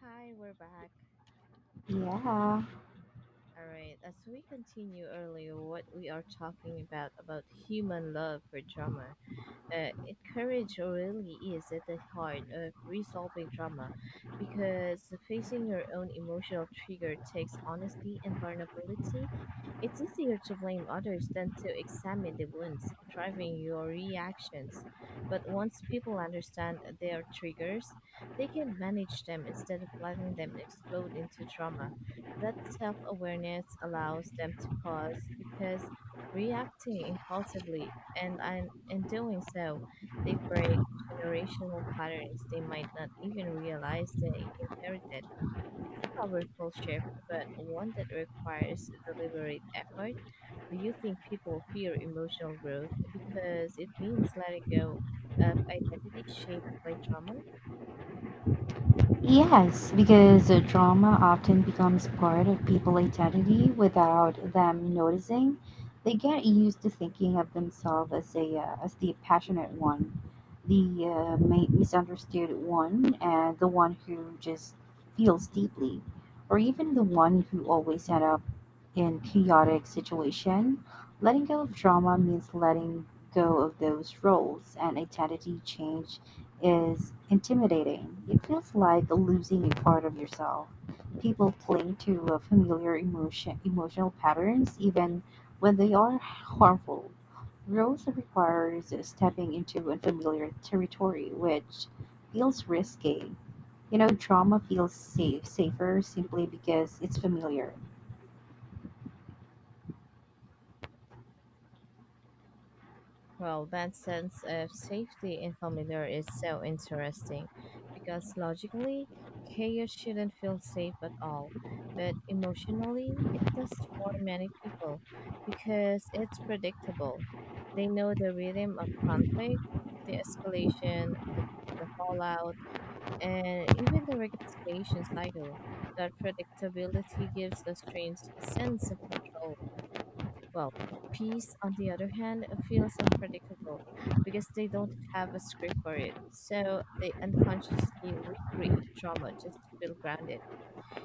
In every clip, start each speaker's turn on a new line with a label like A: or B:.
A: Hi, we're back.
B: Yeah.
A: All right, as we continue earlier, what we are talking about human love for drama uh, courage really is at the heart of resolving trauma because facing your own emotional trigger takes honesty and vulnerability. It's easier to blame others than to examine the wounds driving your reactions. But once people understand their triggers, they can manage them instead of letting them explode into trauma. That self awareness allows them to pause because reacting impulsively, and in doing so, they break generational patterns they might not even realize they inherited. It's a powerful shift, but one that requires deliberate effort. Do you think people fear emotional growth because it means letting go of identity shaped by trauma?
B: Yes, because drama often becomes part of people's identity without them noticing. They get used to thinking of themselves as a as the passionate one, the misunderstood one, and the one who just feels deeply, or even the one who always end up in chaotic situation. Letting go of drama means letting go of those roles and identity change is intimidating. It feels like losing a part of yourself. People cling to emotional patterns even when they are harmful. Growth requires stepping into unfamiliar territory, which feels risky. You know, trauma feels safer simply because it's familiar.
A: Well, that sense of safety in familiar is so interesting because logically, chaos shouldn't feel safe at all. But emotionally, it does for many people because it's predictable. They know the rhythm of conflict, the escalation, the fallout, and even the reconciliation cycle. That predictability gives the strange sense of control well, peace, on the other hand, feels unpredictable because they don't have a script for it. So they unconsciously recreate trauma just to feel grounded.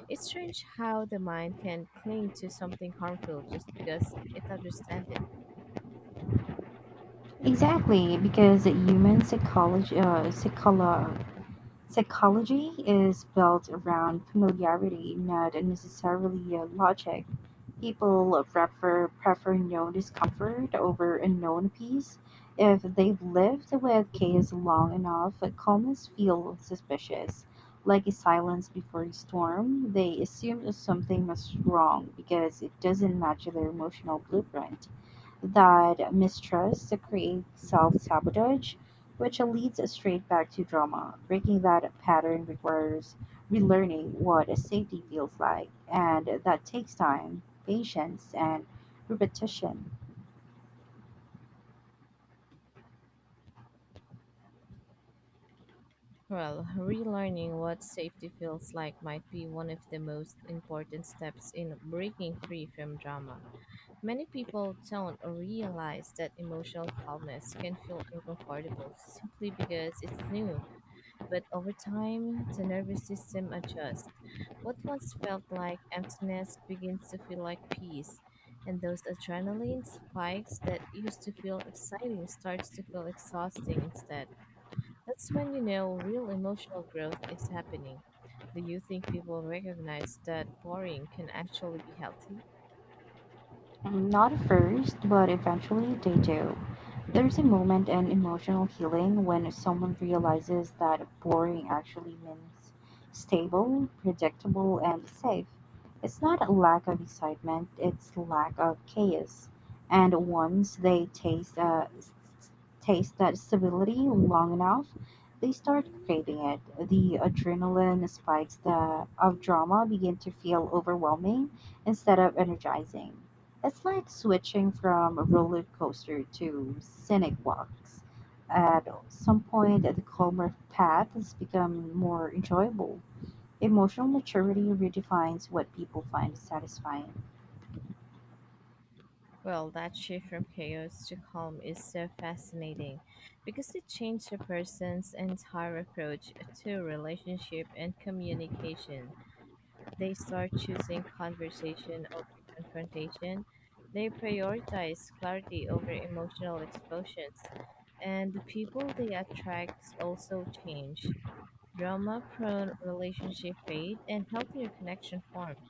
A: It's strange how the mind can cling to something harmful just because it understands it.
B: Exactly, because human Psychology is built around familiarity, not necessarily logic. People prefer known discomfort over unknown peace. If they've lived with chaos long enough, calmness feels suspicious. Like a silence before a storm, they assume that something must wrong because it doesn't match their emotional blueprint. That mistrust creates self sabotage, which leads us straight back to drama. Breaking that pattern requires relearning what a safety feels like, and that takes time, patience, and repetition.
A: Well, relearning what safety feels like might be one of the most important steps in breaking free from drama. Many people don't realize that emotional calmness can feel uncomfortable simply because it's new. But over time, the nervous system adjusts. What once felt like emptiness begins to feel like peace, and those adrenaline spikes that used to feel exciting starts to feel exhausting instead. That's when you know real emotional growth is happening. Do you think people recognize that boring can actually be healthy?
B: Mm, not at first, but eventually they do. There's a moment in emotional healing when someone realizes that boring actually means stable, predictable, and safe. It's not a lack of excitement, it's lack of chaos. And once they taste that stability long enough, they start craving it. The adrenaline spikes of drama begin to feel overwhelming instead of energizing. It's like switching from a roller coaster to scenic walks. At some point, the calmer path has become more enjoyable. Emotional maturity redefines what people find satisfying.
A: Well, that shift from chaos to calm is so fascinating because it changed a person's entire approach to relationship and communication. They start choosing conversation over confrontation, they prioritize clarity over emotional explosions, and the people they attract also change. Drama prone relationship fade and healthier connection form.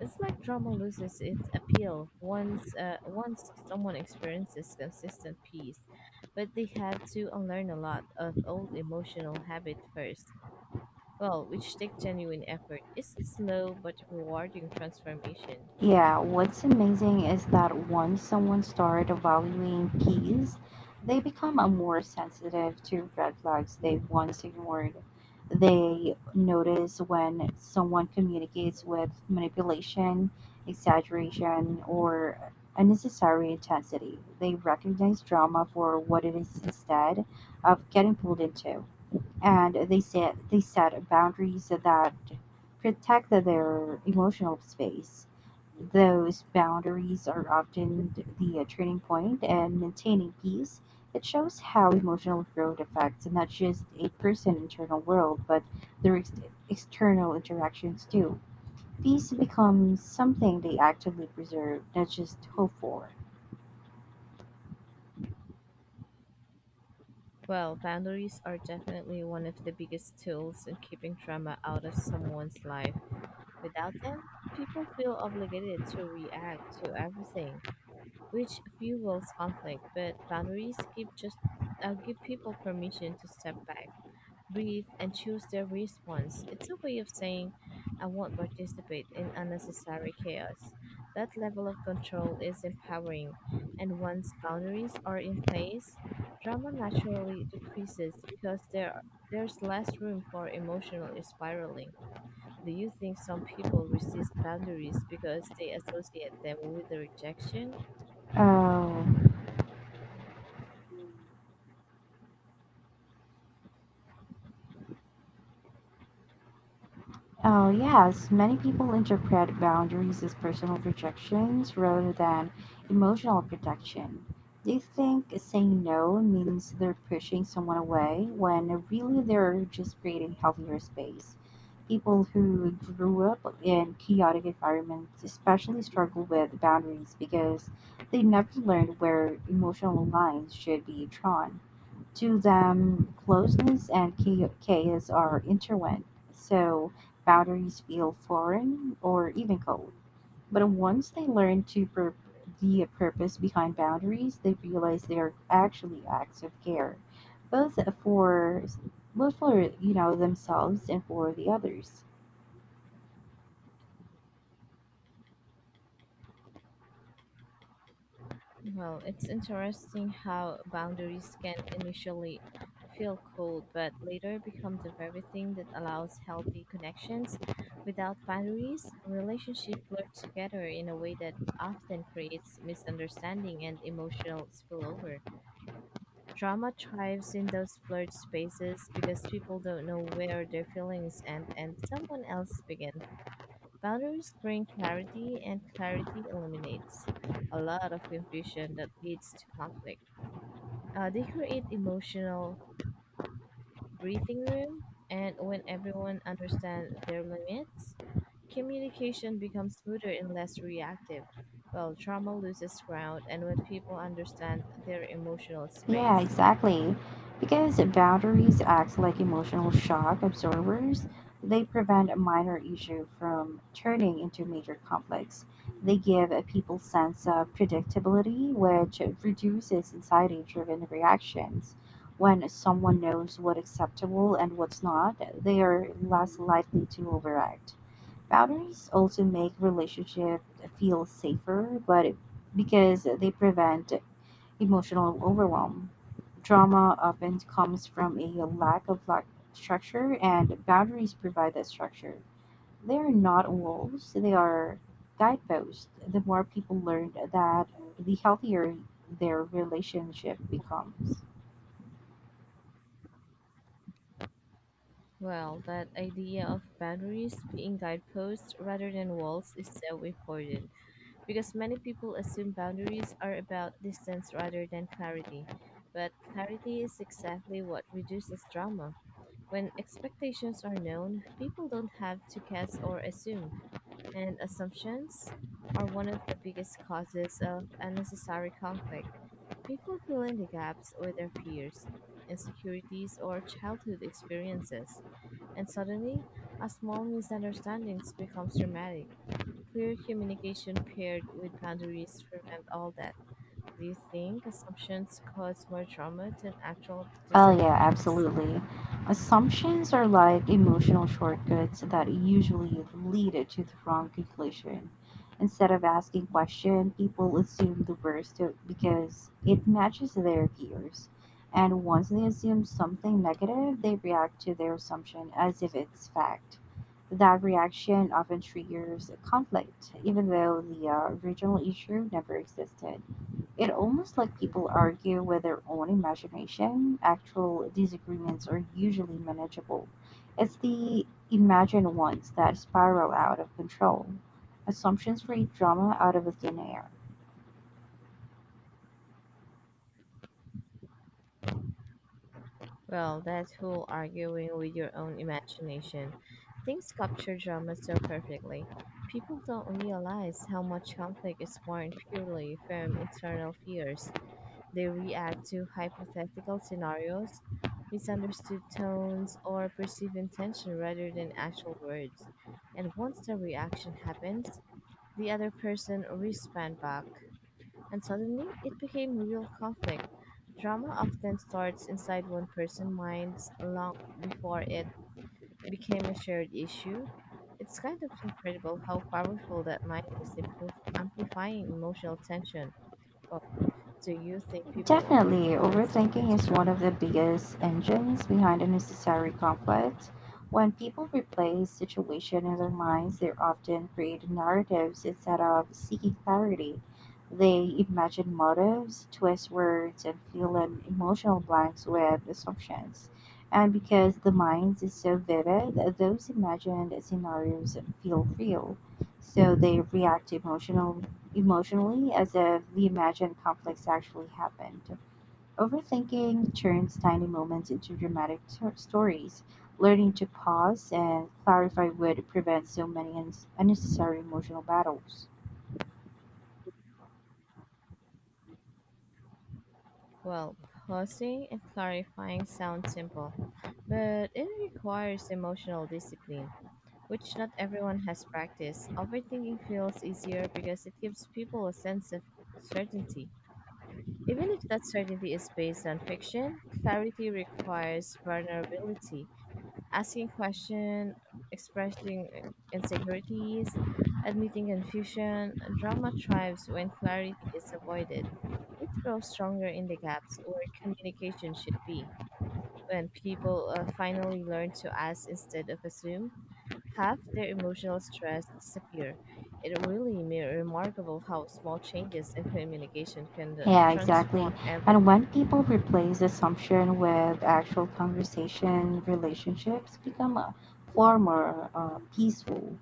A: It's like drama loses its appeal once someone experiences consistent peace, but they have to unlearn a lot of old emotional habit first. Well, which take genuine effort. It's a slow but rewarding transformation.
B: Yeah, what's amazing is that once someone starts valuing peace, they become a more sensitive to red flags they once ignored. They notice when someone communicates with manipulation, exaggeration, or unnecessary intensity. They recognize drama for what it is instead of getting pulled into. And they set boundaries that protect their emotional space. Those boundaries are often the turning point and maintaining peace. It shows how emotional growth affects not just a person's internal world, but their external interactions too. Peace becomes something they actively preserve, not just hope for.
A: Well, boundaries are definitely one of the biggest tools in keeping drama out of someone's life. Without them, people feel obligated to react to everything which fuels conflict. But boundaries give people permission to step back, breathe, and choose their response. It's a way of saying, "I won't participate in unnecessary chaos." That level of control is empowering, and once boundaries are in place, drama naturally decreases because there's less room for emotional spiraling. Do you think some people resist boundaries because they associate them with rejection?
B: Oh. Oh, yes. Many people interpret boundaries as personal protections rather than emotional protection. They think saying no means they're pushing someone away when really they're just creating healthier space. People who grew up in chaotic environments especially struggle with boundaries because they never learned where emotional lines should be drawn to them, closeness and chaos are intertwined, so boundaries feel foreign or even cold. But once they learn to the purpose behind boundaries, they realize they are actually acts of care, both for both for themselves and for the others.
A: Well, it's interesting how boundaries can initially feel cold, but later become the very thing that allows healthy connections. Without boundaries, relationships blur together in a way that often creates misunderstanding and emotional spillover. Drama thrives in those blurred spaces because people don't know where their feelings end and someone else begin. Boundaries bring clarity, and clarity eliminates a lot of confusion that leads to conflict. They create emotional breathing room, and when everyone understands their limits, communication becomes smoother and less reactive. Well, trauma loses ground, and when people understand their emotional
B: Yeah,
A: space,
B: exactly. Because boundaries act like emotional shock absorbers, they prevent a minor issue from turning into major conflicts. They give a people sense of predictability, which reduces anxiety-driven reactions. When someone knows what's acceptable and what's not, they are less likely to overact. Boundaries also make relationship feel safer, but because they prevent emotional overwhelm. Drama often comes from a lack of lack structure, and boundaries provide that structure. They are not walls, they are guideposts. The more people learn that, the healthier their relationship becomes.
A: well, that idea of boundaries being guideposts rather than walls is so important. Because many people assume boundaries are about distance rather than clarity. But clarity is exactly what reduces drama. When expectations are known, people don't have to guess or assume, and assumptions are one of the biggest causes of unnecessary conflict. People fill in the gaps with their fears, insecurities, or childhood experiences, and suddenly, a small misunderstanding becomes dramatic. Clear communication paired with boundaries prevent all that. Do you think assumptions cause more drama than actual
B: Oh, yeah,
A: disagreements?
B: absolutely. Assumptions are like emotional shortcuts that usually lead it to the wrong conclusion. Instead of asking questions, people assume the worst because it matches their fears. And once they assume something negative, they react to their assumption as if it's fact. That reaction often triggers conflict, even though the original issue never existed. It almost like people argue with their own imagination. Actual disagreements are usually manageable. It's the imagined ones that spiral out of control. Assumptions create drama out of thin air.
A: Well, that whole arguing with your own imagination. Things capture drama so perfectly. People don't realize how much conflict is born purely from internal fears. They react to hypothetical scenarios, misunderstood tones, or perceived intention rather than actual words. And once the reaction happens, the other person responds back, and suddenly it became real conflict. Drama often starts inside one person's minds long before it became a shared issue. It's kind of incredible how powerful that mind is in amplifying emotional tension. Do you think people
B: Definitely,
A: overthink themselves
B: overthinking
A: into
B: is one of
A: drama?
B: the biggest engines behind unnecessary conflict. When people replay situation in their minds, they often create narratives instead of seeking clarity. They imagine motives, twist words, and fill in emotional blanks with assumptions. And because the mind is so vivid, those imagined scenarios feel real. So they react emotionally as if the imagined conflicts actually happened. Overthinking turns tiny moments into dramatic stories. Learning to pause and clarify would prevent so many unnecessary emotional battles.
A: Well, pausing and clarifying sound simple, but it requires emotional discipline, which not everyone has practiced. Overthinking feels easier because it gives people a sense of certainty. Even if that certainty is based on fiction, clarity requires vulnerability. Asking questions, expressing insecurities, admitting confusion, drama thrives when clarity is avoided. It grows stronger in the gaps where communication should be. When people finally learn to ask instead of assume, half their emotional stress disappear. It really remarkable how small changes in communication can
B: Yeah, exactly.
A: transform
B: And when
A: everything.
B: people replace assumption with actual conversation, relationships become a far more peaceful.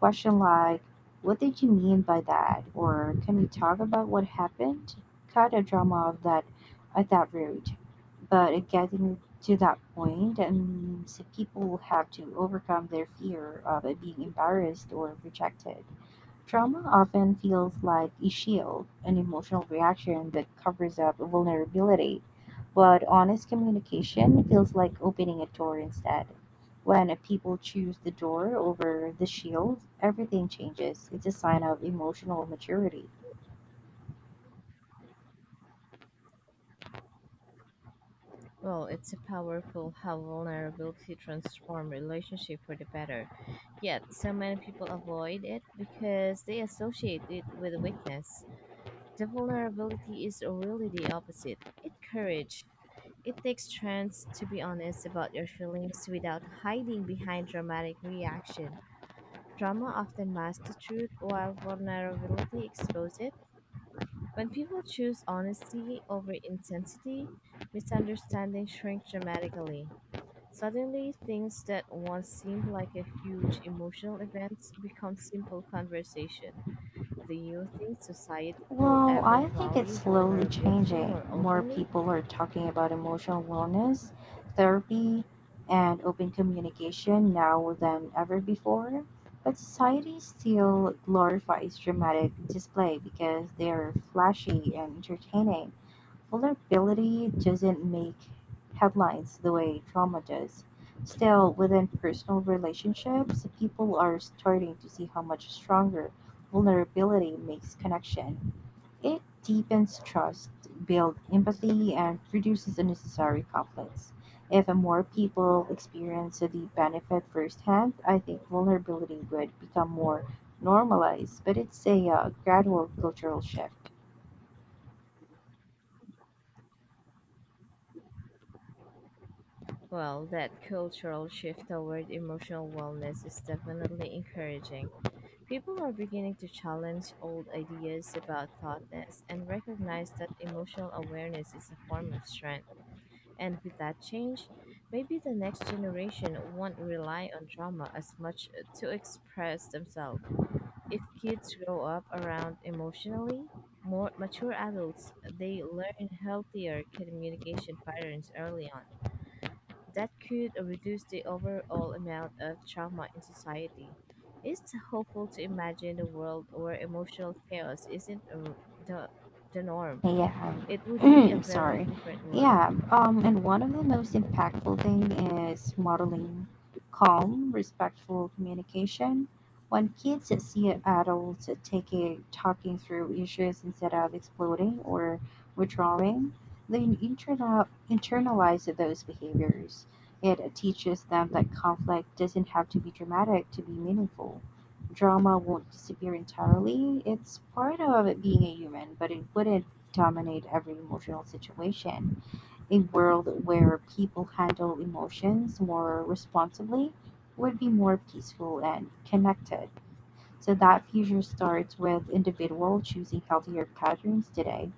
B: Question like, "What did you mean by that?" or "Can we talk about what happened?" Cut a drama of that at that route. But getting to that point that means people have to overcome their fear of being embarrassed or rejected. Trauma often feels like a shield, an emotional reaction that covers up vulnerability, but honest communication feels like opening a door instead. When people choose the door over the shield, everything changes. It's a sign of emotional maturity.
A: Well, it's a powerful how vulnerability transforms relationship for the better. Yet, so many people avoid it because they associate it with weakness. The vulnerability is really the opposite. It's courage. It takes strength to be honest about your feelings without hiding behind dramatic reaction. Drama often masks the truth while vulnerability exposes it. When people choose honesty over intensity, misunderstanding shrink dramatically. Suddenly, things that once seemed like a huge emotional event become simple conversation. Do you think society will
B: Well,
A: ever
B: I think it's
A: value
B: slowly
A: vulnerability
B: changing.
A: more
B: More
A: openly?
B: people are talking about emotional wellness, therapy, and open communication now than ever before. But society still glorifies dramatic display because they're flashy and entertaining. Vulnerability doesn't make headlines the way trauma does. Still, within personal relationships, people are starting to see how much stronger vulnerability makes connection it deepens trust, builds empathy, and reduces unnecessary conflicts. If more people experience the benefit firsthand, I think vulnerability would become more normalized, but it's a gradual cultural shift.
A: Well, that cultural shift toward emotional wellness is definitely encouraging. People are beginning to challenge old ideas about thoughtness and recognize that emotional awareness is a form of strength. And with that change, maybe the next generation won't rely on drama as much to express themselves. If kids grow up around emotionally more mature adults, they learn healthier communication patterns early on. That could reduce the overall amount of trauma in society. It's hopeful to imagine a world where emotional chaos isn't uh, the, the norm.
B: Hey,
A: It would be a
B: yeah.
A: very
B: Sorry.
A: different world.
B: Yeah. And one of the most impactful thing is modeling calm, respectful communication. When kids see adults taking talking through issues instead of exploding or withdrawing, they internalize those behaviors. It teaches them that conflict doesn't have to be dramatic to be meaningful. Drama won't disappear entirely. It's part of being a human, but it wouldn't dominate every emotional situation. A world where people handle emotions more responsibly would be more peaceful and connected. So that future starts with individuals choosing healthier patterns today.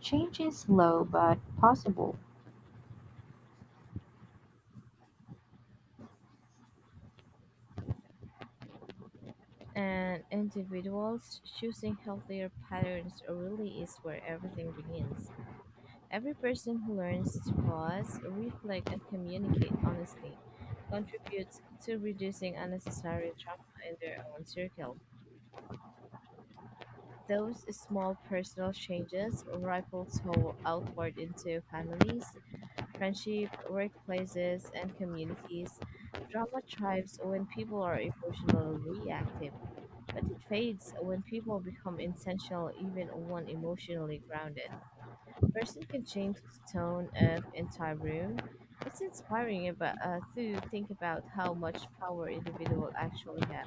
B: Change is slow but possible.
A: And individuals choosing healthier patterns really is where everything begins. Every person who learns to pause, reflect, and communicate honestly contributes to reducing unnecessary trauma in their own circle. Those small personal changes ripple outward into families, friendship, workplaces, and communities. Drama thrives when people are emotionally reactive, but it fades when people become intentional, even when emotionally grounded. Person can change the tone of entire room. It's inspiring about, to think about how much power individual actually have.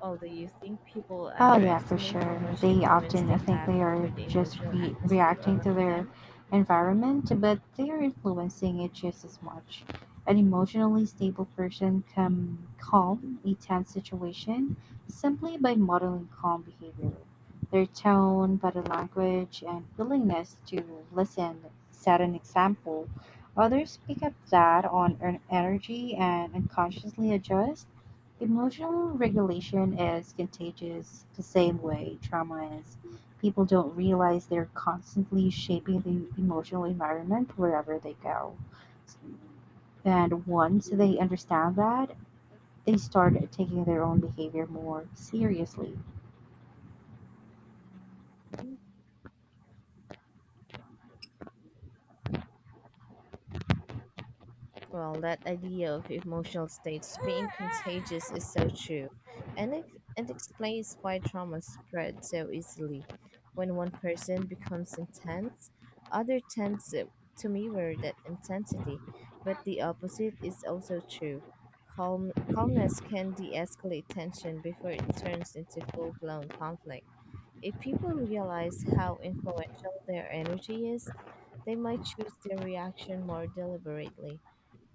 A: Although you think people
B: Oh yeah, for
A: underestimate how
B: sure.
A: much
B: They
A: influence
B: often
A: they
B: think
A: have
B: they
A: over
B: are
A: the
B: just
A: emotional atmosphere
B: reacting to
A: around
B: their
A: them,
B: environment, but they are influencing it just as much. An emotionally stable person can calm a tense situation simply by modeling calm behavior. Their tone, body language, and willingness to listen set an example. Others pick up that on energy and unconsciously adjust. Emotional regulation is contagious the same way trauma is. People don't realize they're constantly shaping the emotional environment wherever they go. And once they understand that, they start taking their own behavior more seriously.
A: well, that idea of emotional states being contagious is so true, and it explains why trauma spreads so easily. When one person becomes intense, other tends to mirror that intensity, but the opposite is also true. Calmness can de escalate tension before it turns into full blown conflict. If people realize how influential their energy is, they might choose their reaction more deliberately.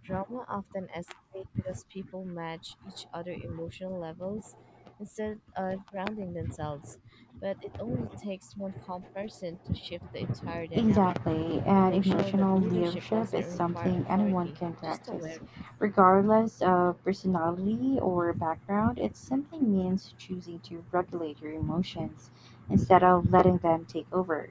A: Drama often escalates because people match each other emotional levels instead of grounding themselves. But it only takes one calm person to shift the entire dynamic.
B: Exactly, and
A: Emotional that
B: emotional
A: leadership
B: leadership
A: doesn't
B: is
A: require
B: something anyone
A: authority,
B: can
A: just
B: practice,
A: awareness.
B: regardless of personality or background. It simply means choosing to regulate your emotions instead of letting them take over.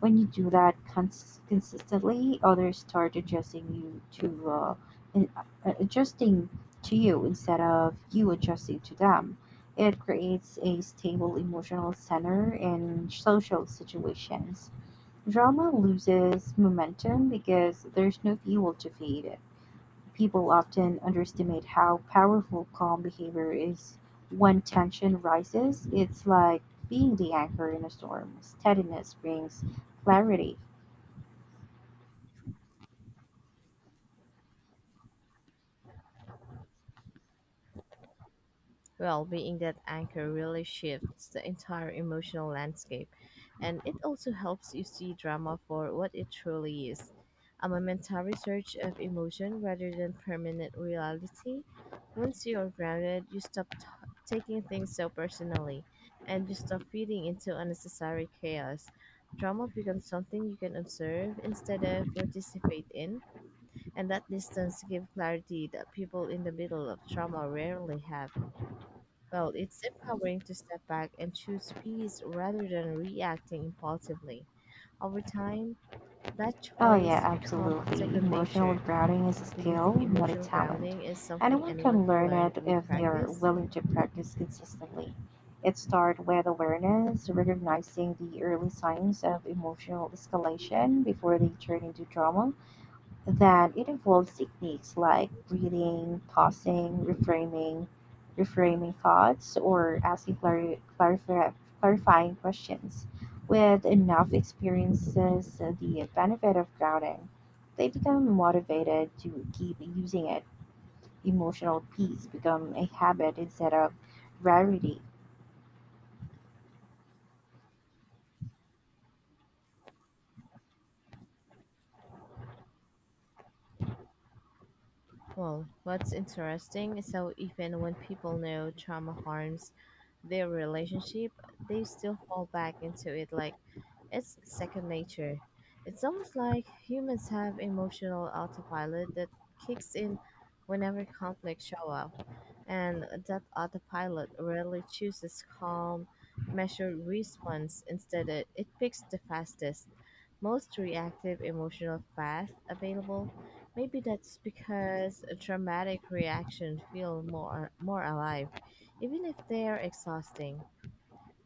B: When you do that consistently, others start adjusting you to adjusting to you instead of you adjusting to them. It creates a stable emotional center in social situations. Drama loses momentum because there's no fuel to feed it. People often underestimate how powerful calm behavior is when tension rises. It's like being the anchor in a storm. Steadiness brings clarity.
A: Well, being that anchor really shifts the entire emotional landscape, and it also helps you see drama for what it truly is a momentary surge of emotion rather than permanent reality. Once you're grounded, you taking things so personally and you stop feeding into unnecessary chaos. Drama becomes something you can observe instead of participate in, and that distance gives clarity that people in the middle of trauma rarely have. Well, it's empowering to step back and choose peace rather than reacting impulsively. Over time, that
B: Oh, yeah,
A: choice becomes a
B: absolutely.
A: second
B: Emotional
A: nature.
B: grounding is a
A: Do you
B: skill,
A: think
B: not a
A: emotional
B: talent.
A: grounding is something
B: Anyone
A: anyone
B: can
A: can
B: learn
A: learn
B: it
A: with
B: if they are
A: practice?
B: willing to practice consistently. It starts with awareness, recognizing the early signs of emotional escalation before they turn into drama, that it involves techniques like breathing, pausing, reframing thoughts, or asking clarifying questions. With enough experiences, the benefit of grounding, they become motivated to keep using it. Emotional peace become a habit instead of rarity.
A: Well, what's interesting is how even when people know trauma harms their relationship, they still fall back into it like it's second nature. It's almost like humans have emotional autopilot that kicks in whenever conflicts show up, and that autopilot rarely chooses calm, measured response. Instead, it picks the fastest, most reactive emotional path available. Maybe that's because a dramatic reactions feel more alive, even if they're exhausting.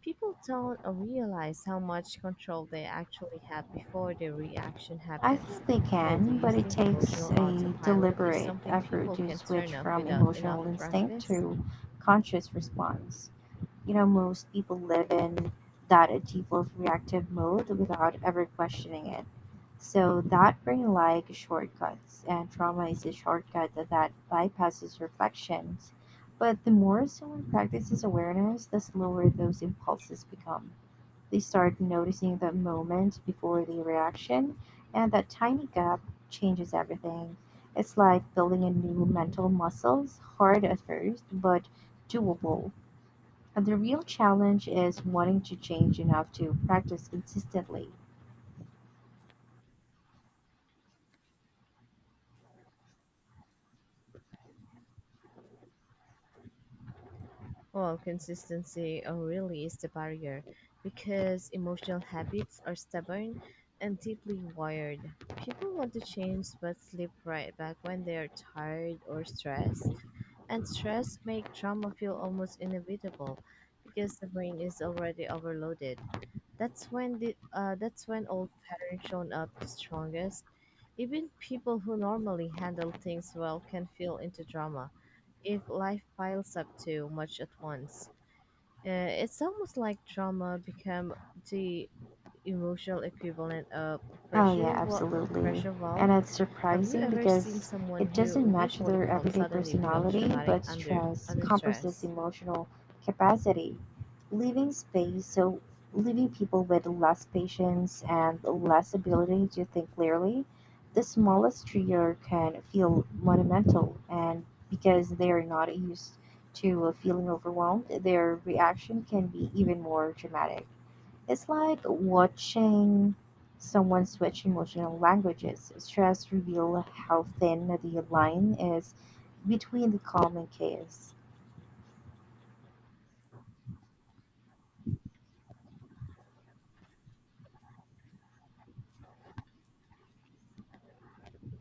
A: People don't realize how much control they actually have before their reaction
B: I
A: happens.
B: think they
A: Well, do
B: can,
A: you
B: but it
A: think
B: takes
A: emotional
B: a
A: autopilot is
B: deliberate
A: something
B: effort
A: people
B: to
A: can turn
B: switch
A: off
B: from
A: without enough
B: emotional instinct
A: practice?
B: to conscious response. You know, most people live in that default reactive mode without ever questioning it. So that brain like shortcuts, and trauma is a shortcut that bypasses reflections. But the more someone practices awareness, the slower those impulses become. They start noticing the moment before the reaction, and that tiny gap changes everything. It's like building a new mental muscle, hard at first, but doable and the real challenge is wanting to change enough to practice consistently.
A: Well, consistency really is the barrier because emotional habits are stubborn and deeply wired. People want to change but slip right back when they are tired or stressed. And stress make trauma feel almost inevitable because the brain is already overloaded. That's when old patterns shown up the strongest. Even people who normally handle things well can feel into drama if life piles up too much at once. It's almost like trauma become the emotional equivalent of a
B: Oh yeah, absolutely.
A: pressure valve.
B: And it's
A: Have you
B: surprising
A: ever seen
B: because
A: someone
B: it doesn't
A: who
B: match
A: usually
B: their
A: calm
B: everyday
A: suddenly becomes
B: personality,
A: dramatic
B: but stress
A: under
B: compresses
A: stress?
B: emotional capacity, leaving space so leaving people with less patience and less ability to think clearly. The smallest trigger can feel monumental, and because they are not used to feeling overwhelmed, their reaction can be even more dramatic. It's like watching someone switch emotional languages. Stress reveal how thin the line is between the calm and chaos.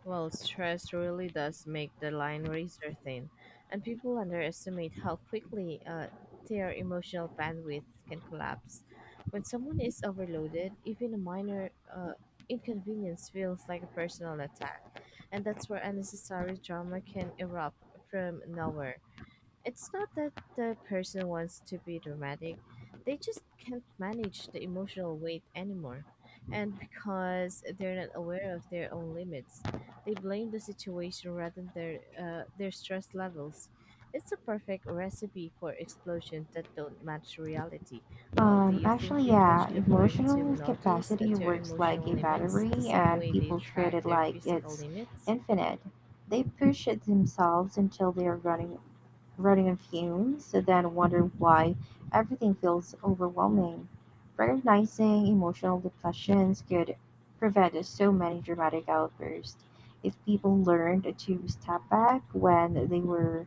A: Well, stress really does make the line razor thin, and people underestimate how quickly their emotional bandwidth can collapse. When someone is overloaded, even a minor inconvenience feels like a personal attack, and that's where unnecessary drama can erupt from nowhere. It's not that the person wants to be dramatic, they just can't manage the emotional weight anymore. And because they're not aware of their own limits, they blame the situation rather than their their stress levels. It's a perfect recipe for explosions that don't match reality. Well, do you think
B: Actually,
A: people
B: yeah,
A: should learn to
B: emotional
A: notice
B: capacity
A: their
B: works like
A: emotional
B: a
A: limits
B: battery,
A: the same
B: and
A: way they
B: people treat
A: track
B: it
A: their
B: like
A: physical
B: it's
A: limits?
B: infinite. They push it themselves until they are running on fumes so then wonder why everything feels overwhelming. Recognizing emotional depressions could prevent so many dramatic outbursts if people learned to step back when they were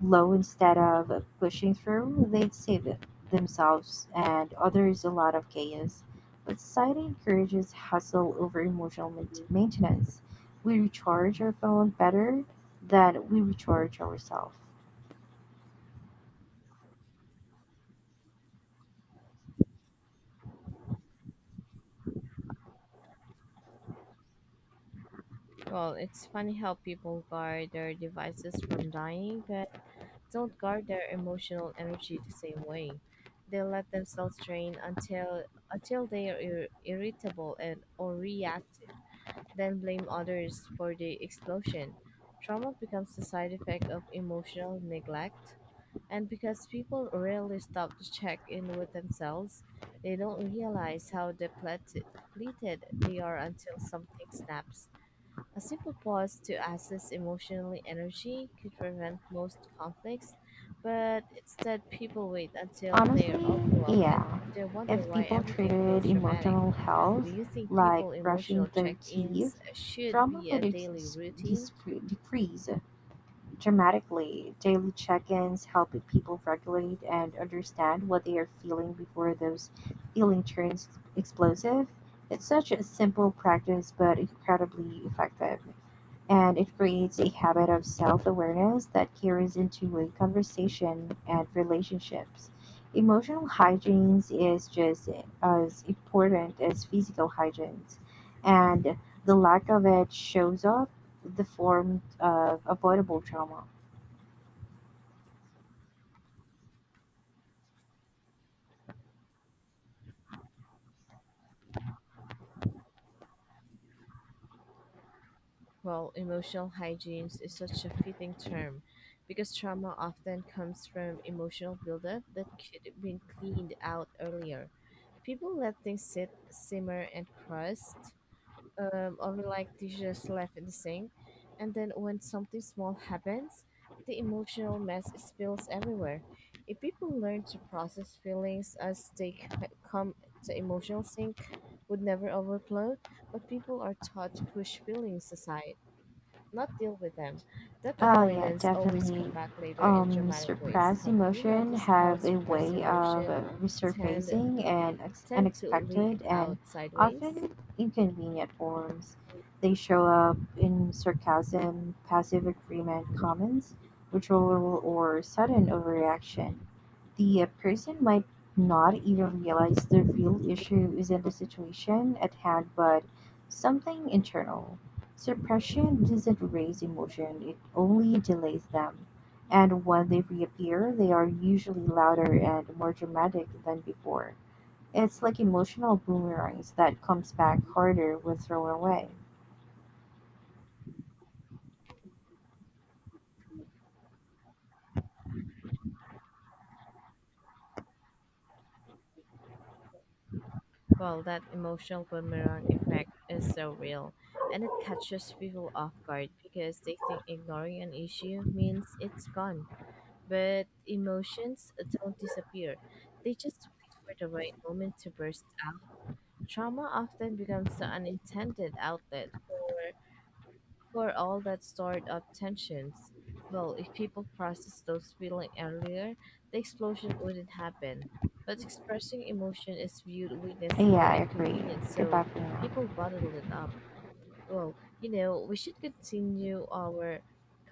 B: low instead of pushing through, they'd save themselves and others a lot of chaos. But society encourages hustle over emotional maintenance. We recharge our phone better than we recharge ourselves.
A: Well, it's funny how people guard their devices from dying, but don't guard their emotional energy the same way. They let themselves drain until they are irritable and or reactive, then blame others for the explosion. Trauma becomes the side effect of emotional neglect, and because people rarely stop to check in with themselves, they don't realize how depleted they are until something snaps. A simple pause to access emotional energy could prevent most conflicts, but instead people wait until they're
B: Honestly,
A: overwhelmed and
B: yeah.
A: they wonder
B: If
A: why
B: people
A: everything
B: treated
A: feels dramatic.
B: emotional
A: Do
B: health
A: you think
B: like
A: people
B: brushing
A: emotional
B: their
A: check-ins
B: teeth,
A: should
B: trauma
A: be a
B: would
A: daily routine?
B: decrease dramatically. Daily check ins help people regulate and understand what they are feeling before those feeling turns explosive. It's such a simple practice, but incredibly effective and it creates a habit of self awareness that carries into a conversation and relationships. Emotional hygiene is just as important as physical hygiene, and the lack of it shows up the form of avoidable trauma.
A: Well, emotional hygiene is such a fitting term because trauma often comes from emotional buildup that could have been cleaned out earlier. People let things sit, simmer, and crust or like dishes left in the sink. And then when something small happens, the emotional mess spills everywhere. If people learn to process feelings as they come the emotional sink, would never overflow. But people are taught to push feelings aside, not deal with them. That
B: Oh yeah,
A: avoidance always come
B: definitely.
A: back later in dramatic ways.
B: Suppressed
A: Have you
B: emotion
A: noticed how
B: have a
A: suppressed
B: way of
A: emotion tend
B: resurfacing and
A: tend to leak
B: unexpected and
A: out sideways?
B: often inconvenient forms. They show up in sarcasm, passive agreement, comments, withdrawal, or sudden overreaction. The person might not even realize the real issue isn't the situation at hand, but something internal. Suppression doesn't erase emotion, it only delays them. And when they reappear, they are usually louder and more dramatic than before. It's like emotional boomerangs that comes back harder when thrown away.
A: Well, that emotional boomerang effect is so real, and it catches people off guard because they think ignoring an issue means it's gone. But emotions don't disappear, they just wait for the right moment to burst out. Trauma often becomes the unintended outlet for all that stored up tensions. Well, if people processed those feelings earlier, the explosion wouldn't happen. But expressing emotion is viewed weakness
B: Yeah,
A: or
B: I agree.
A: inconvenience,
B: Goodbye
A: so
B: for now.
A: people bottle it up. Well, you know, we should continue our